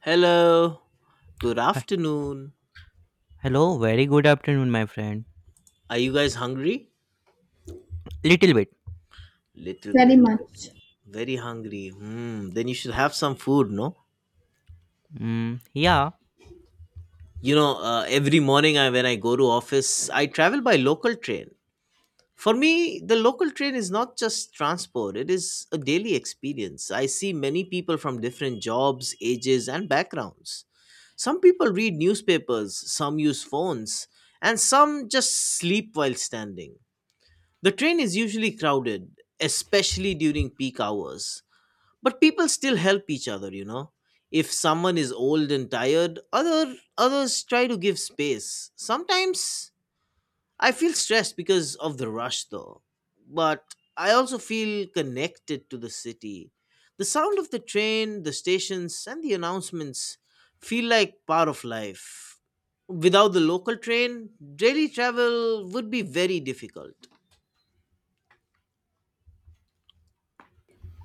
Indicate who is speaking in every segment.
Speaker 1: Hello, good
Speaker 2: Hi-
Speaker 1: afternoon.
Speaker 2: Hello, very good afternoon, my friend.
Speaker 1: Are you guys hungry?
Speaker 2: Little bit.
Speaker 1: Little
Speaker 3: Very
Speaker 1: bit.
Speaker 3: much.
Speaker 1: Very hungry. Hmm. Then you should have some food, no?
Speaker 2: Mm, yeah,
Speaker 1: You know, every morning when I go to office, I travel by local train. For me, the local train is not just transport, it is a daily experience. I see many people from different jobs, ages, and backgrounds. Some people read newspapers, some use phones, and some just sleep while standing. The train is usually crowded, especially during peak hours, but people still help each other, you know. If someone is old and tired, others try to give space. Sometimes I feel stressed because of the rush though, but I also feel connected to the city. The sound of the train, the stations and the announcements feel like part of life. Without the local train, daily travel would be very difficult.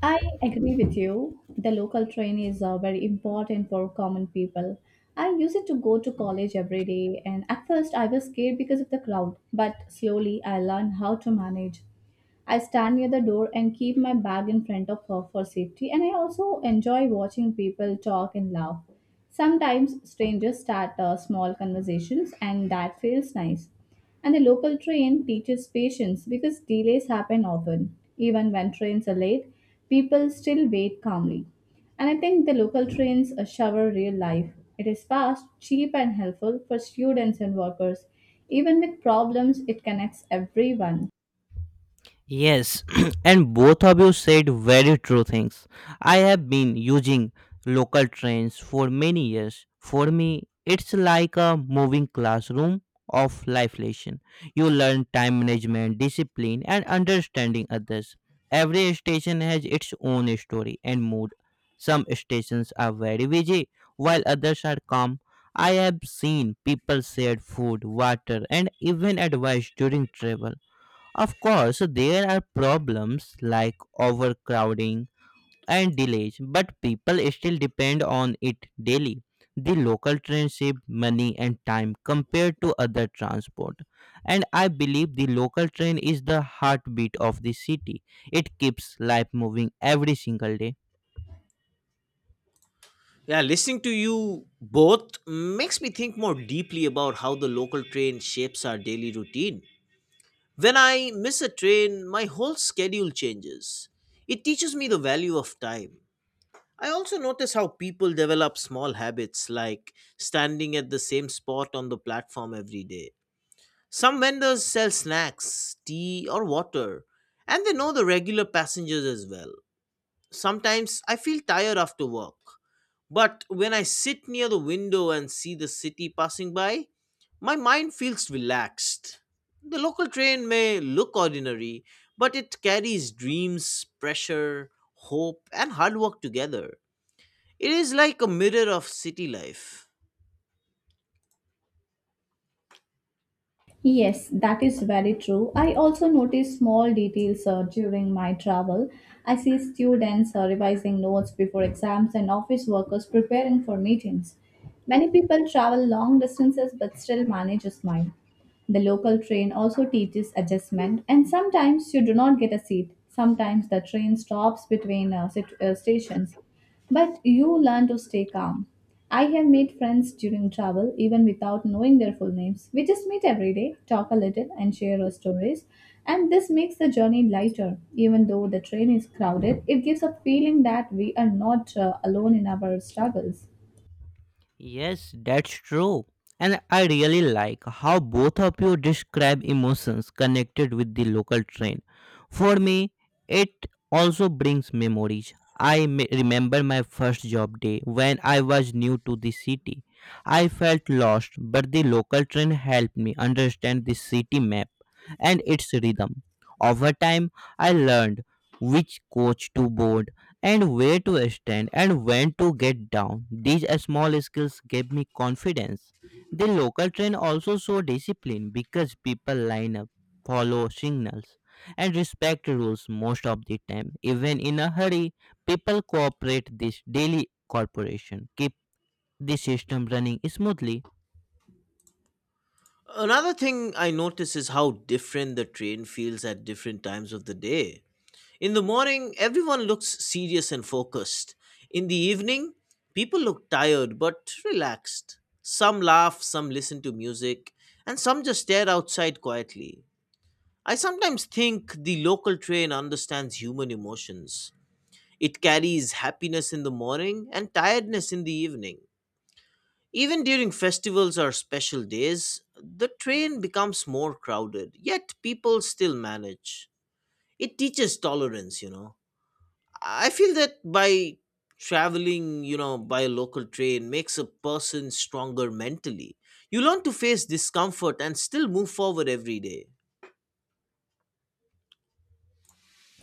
Speaker 3: I agree with you. The local train is very important for common people. I use it to go to college every day, and at first I was scared because of the crowd, but slowly I learned how to manage. I stand near the door and keep my bag in front of her for safety, and I also enjoy watching people talk and laugh. Sometimes strangers start small conversations, and that feels nice. And the local train teaches patience because delays happen often. Even when trains are late, people still wait calmly. And I think the local trains shower real life. It is fast, cheap, and helpful for students and workers. Even with problems, it connects everyone.
Speaker 2: Yes, and both of you said very true things. I have been using local trains for many years. For me, it's like a moving classroom of life lesson. You learn time management, discipline, and understanding others. Every station has its own story and mood. Some stations are very busy, while others are calm. I have seen people share food, water, and even advice during travel, of course, there are problems like overcrowding and delays, but people still depend on it daily. The local trains save money and time compared to other transport. And I believe the local train is the heartbeat of the city. It keeps life moving every single day.
Speaker 1: Yeah, listening to you both makes me think more deeply about how the local train shapes our daily routine. When I miss a train, my whole schedule changes. It teaches me the value of time. I also notice how people develop small habits like standing at the same spot on the platform every day. Some vendors sell snacks, tea, or water, and they know the regular passengers as well. Sometimes I feel tired after work, but when I sit near the window and see the city passing by, my mind feels relaxed. The local train may look ordinary, but it carries dreams, pressure, hope, and hard work together. It is like a mirror of city life.
Speaker 3: Yes, that is very true. I also notice small details during my travel. I see students revising notes before exams and office workers preparing for meetings. Many people travel long distances but still manage a smile. The local train also teaches adjustment, and sometimes you do not get a seat. Sometimes the train stops between stations, but you learn to stay calm. I have made friends during travel, even without knowing their full names. We just meet every day, talk a little, and share our stories. And this makes the journey lighter. Even though the train is crowded, it gives a feeling that we are not alone in our struggles.
Speaker 2: Yes, that's true. And I really like how both of you describe emotions connected with the local train. For me, it also brings memories. Remember my first job day when I was new to the city. I felt lost, but the local train helped me understand the city map and its rhythm. Over time, I learned which coach to board and where to stand and when to get down. These small skills gave me confidence. The local train also showed discipline because people line up, follow signals, and respect rules most of the time. Even in a hurry, people cooperate this daily corporation, keep the system running smoothly.
Speaker 1: Another thing I notice is how different the train feels at different times of the day. In the morning, everyone looks serious and focused. In the evening, people look tired but relaxed. Some laugh, some listen to music, and some just stare outside quietly. I sometimes think the local train understands human emotions. It carries happiness in the morning and tiredness in the evening. Even during festivals or special days, the train becomes more crowded, yet people still manage. It teaches tolerance, you know. I feel that by traveling, by a local train makes a person stronger mentally. You learn to face discomfort and still move forward every day.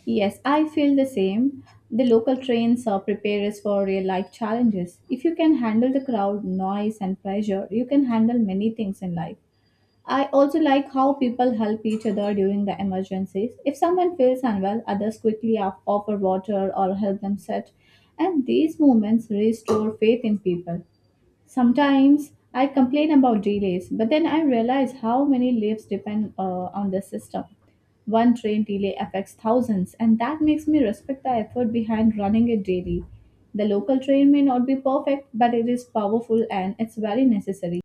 Speaker 3: Yes, I feel the same. The local trains prepare us for real life challenges. If you can handle the crowd, noise, and pressure, you can handle many things in life. I also like how people help each other during the emergencies. If someone feels unwell, others quickly offer water or help them sit. And these moments restore faith in people. Sometimes I complain about delays, but then I realize how many lives depend on the system. One train delay affects thousands, and that makes me respect the effort behind running it daily. The local train may not be perfect, but it is powerful and it's very necessary.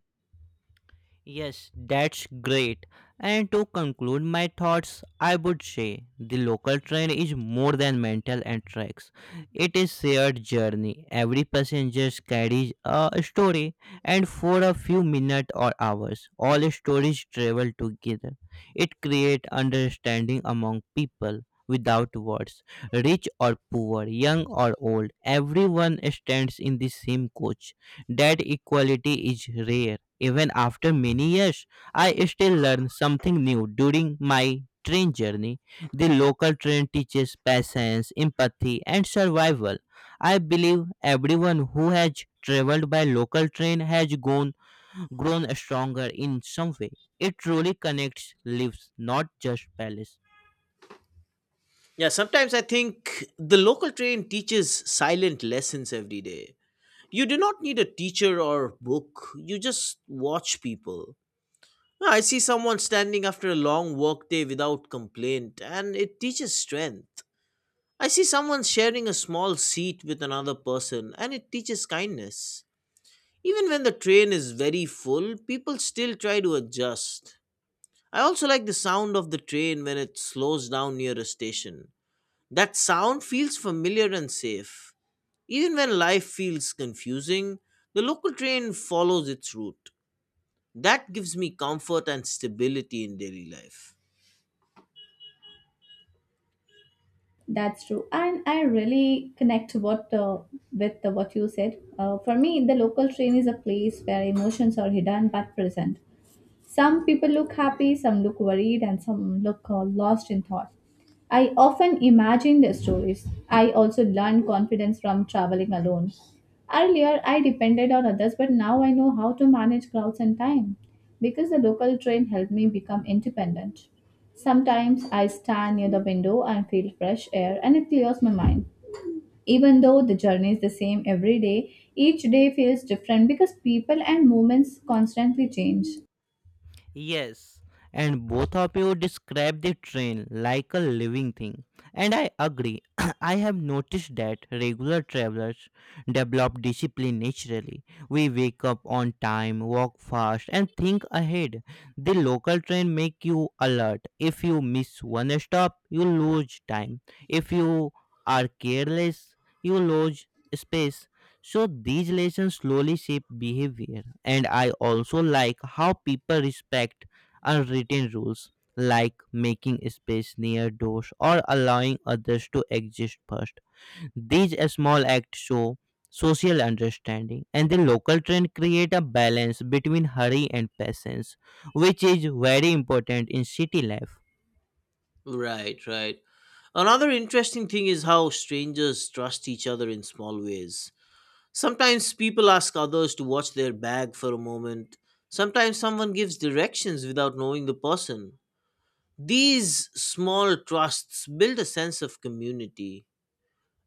Speaker 2: Yes, that's great. And to conclude my thoughts, I would say the local train is more than mental and tracks. It is shared journey. Every passenger carries a story and for a few minutes or hours, all stories travel together. It creates understanding among people without words. Rich or poor, young or old, everyone stands in the same coach. That equality is rare even after many years, I still learn something new during my train journey. The local train teaches patience, empathy, and survival. I believe everyone who has traveled by local train has gone, grown stronger in some way. It truly connects lives, not just palace.
Speaker 1: Yeah, sometimes I think the local train teaches silent lessons every day. You do not need a teacher or book, you just watch people. Yeah, I see someone standing after a long work day without complaint, and it teaches strength. I see someone sharing a small seat with another person, and it teaches kindness. Even when the train is very full, people still try to adjust. I also like the sound of the train when it slows down near a station. That sound feels familiar and safe. Even when life feels confusing, the local train follows its route. That gives me comfort and stability in daily life.
Speaker 3: That's true, and I really connect what with what you said. For me, the local train is a place where emotions are hidden but present. Some people look happy, some look worried, and some look lost in thought. I often imagine their stories. I also learned confidence from traveling alone. Earlier, I depended on others, but now I know how to manage crowds and time because the local train helped me become independent. Sometimes I stand near the window and feel fresh air, and it clears my mind. Even though the journey is the same every day, each day feels different because people and moments constantly change.
Speaker 2: Yes, and both of you describe the train like a living thing. And I agree. I have noticed that regular travelers develop discipline naturally. We wake up on time, walk fast, and think ahead. The local train make you alert. If you miss one stop, you lose time. If you are careless, you lose space so these lessons slowly shape behavior, and I also like how people respect unwritten rules like making space near doors or allowing others to exist first. These small acts show social understanding, and the local trend create a balance between hurry and patience, which is very important in city life.
Speaker 1: Right, right. Another interesting thing is how strangers trust each other in small ways. Sometimes people ask others to watch their bag for a moment. Sometimes someone gives directions without knowing the person. These small trusts build a sense of community.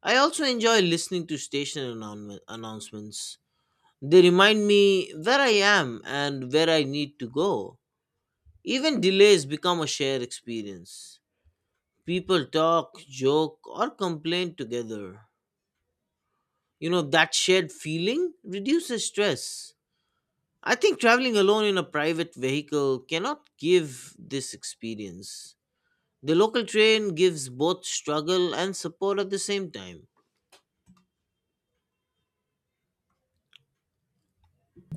Speaker 1: I also enjoy listening to station announcements. They remind me where I am and where I need to go. Even delays become a shared experience. People talk, joke, or complain together. You know, that shared feeling reduces stress. I think traveling alone in a private vehicle cannot give this experience. The local train gives both struggle and support at the same time.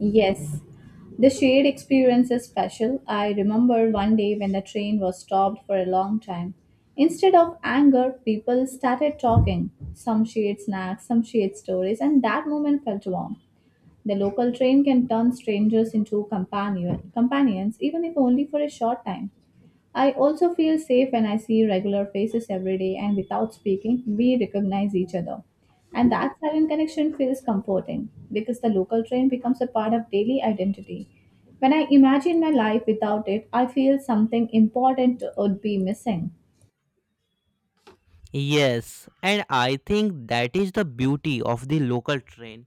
Speaker 3: Yes, the shared experience is special. I remember one day when the train was stopped for a long time. Instead of anger, people started talking. Some shared snacks, some shared stories, and that moment felt warm. The local train can turn strangers into companions, even if only for a short time. I also feel safe when I see regular faces every day and without speaking, we recognize each other. And that silent connection feels comforting because the local train becomes a part of daily identity. When I imagine my life without it, I feel something important would be missing.
Speaker 2: Yes, and I think that is the beauty of the local train.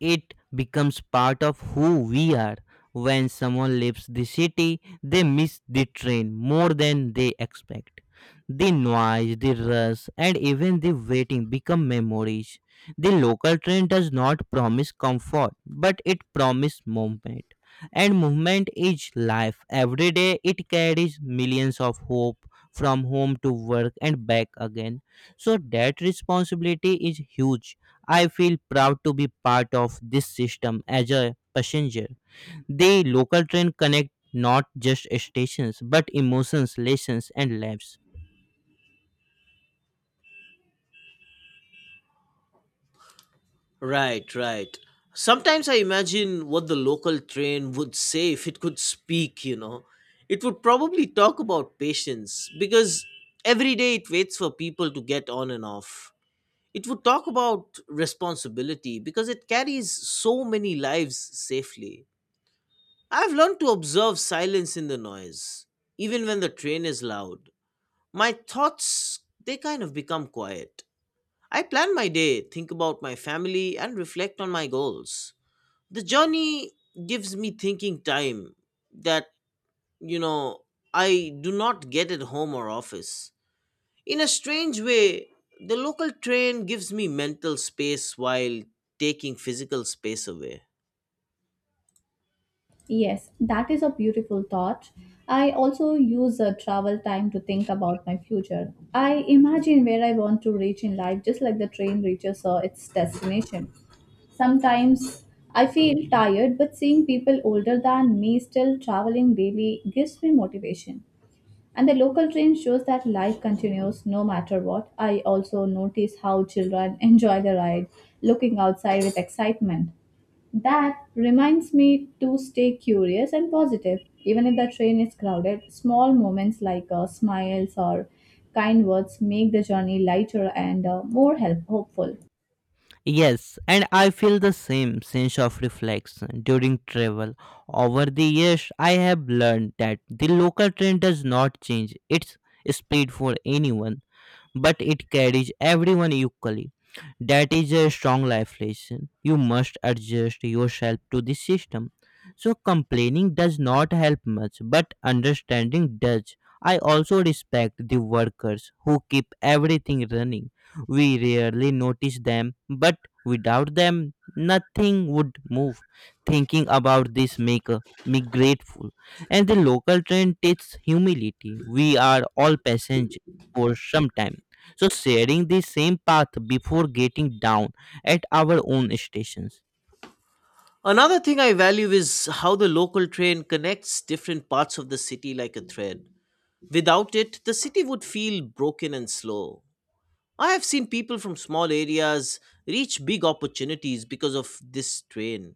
Speaker 2: It becomes part of who we are. When someone leaves the city, they miss the train more than they expect. The noise, the rush, and even the waiting become memories. The local train does not promise comfort, but it promises movement. And movement is life. Every day it carries millions of hope from home to work and back again. So that responsibility is huge. I feel proud to be part of this system as a passenger. The local train connect not just stations but emotions, lessons and lives.
Speaker 1: Right, right. Sometimes I imagine what the local train would say if it could speak, you know. It would probably talk about patience because every day it waits for people to get on and off. It would talk about responsibility because it carries so many lives safely. I've learned to observe silence in the noise, even when the train is loud. My thoughts, they kind of become quiet. I plan my day, think about my family, and reflect on my goals. The journey gives me thinking time that, you know, I do not get at home or office. In a strange way, the local train gives me mental space while taking physical space away.
Speaker 3: Yes, that is a beautiful thought. I also use travel time to think about my future. I imagine where I want to reach in life, just like the train reaches its destination. Sometimes I feel tired, but seeing people older than me still traveling daily gives me motivation. And the local train shows that life continues no matter what. I also notice how children enjoy the ride, looking outside with excitement. That reminds me to stay curious and positive. Even if the train is crowded, small moments like smiles or kind words make the journey lighter and hopeful.
Speaker 2: Yes, and I feel the same sense of reflection during travel. Over the years, I have learned that the local train does not change its speed for anyone but it carries everyone equally. That is a strong life lesson. You must adjust yourself to the system. So complaining does not help much, but understanding does. I also respect the workers who keep everything running. We rarely notice them, but without them, nothing would move. Thinking about this make me grateful. And the local train takes humility. We are all passengers for some time so sharing the same path before getting down at our own stations.
Speaker 1: Another thing I value is how the local train connects different parts of the city like a thread. Without it, the city would feel broken and slow. I have seen people from small areas reach big opportunities because of this train.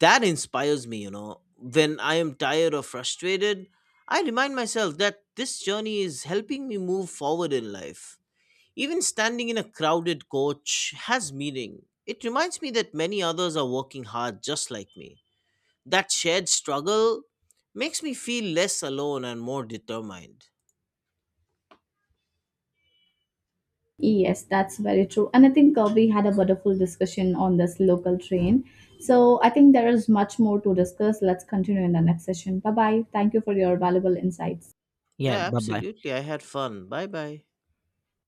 Speaker 1: That inspires me, you know. When I am tired or frustrated, I remind myself that this journey is helping me move forward in life. Even standing in a crowded coach has meaning. It reminds me that many others are working hard just like me. That shared struggle makes me feel less alone and more determined.
Speaker 3: Yes, that's very true. And I think we had a wonderful discussion on this local train. So I think there is much more to discuss. Let's continue in the next session. Bye bye. Thank you for your valuable insights.
Speaker 2: Yeah,
Speaker 1: Yeah,
Speaker 2: bye bye.
Speaker 1: absolutely. I had fun. Bye bye.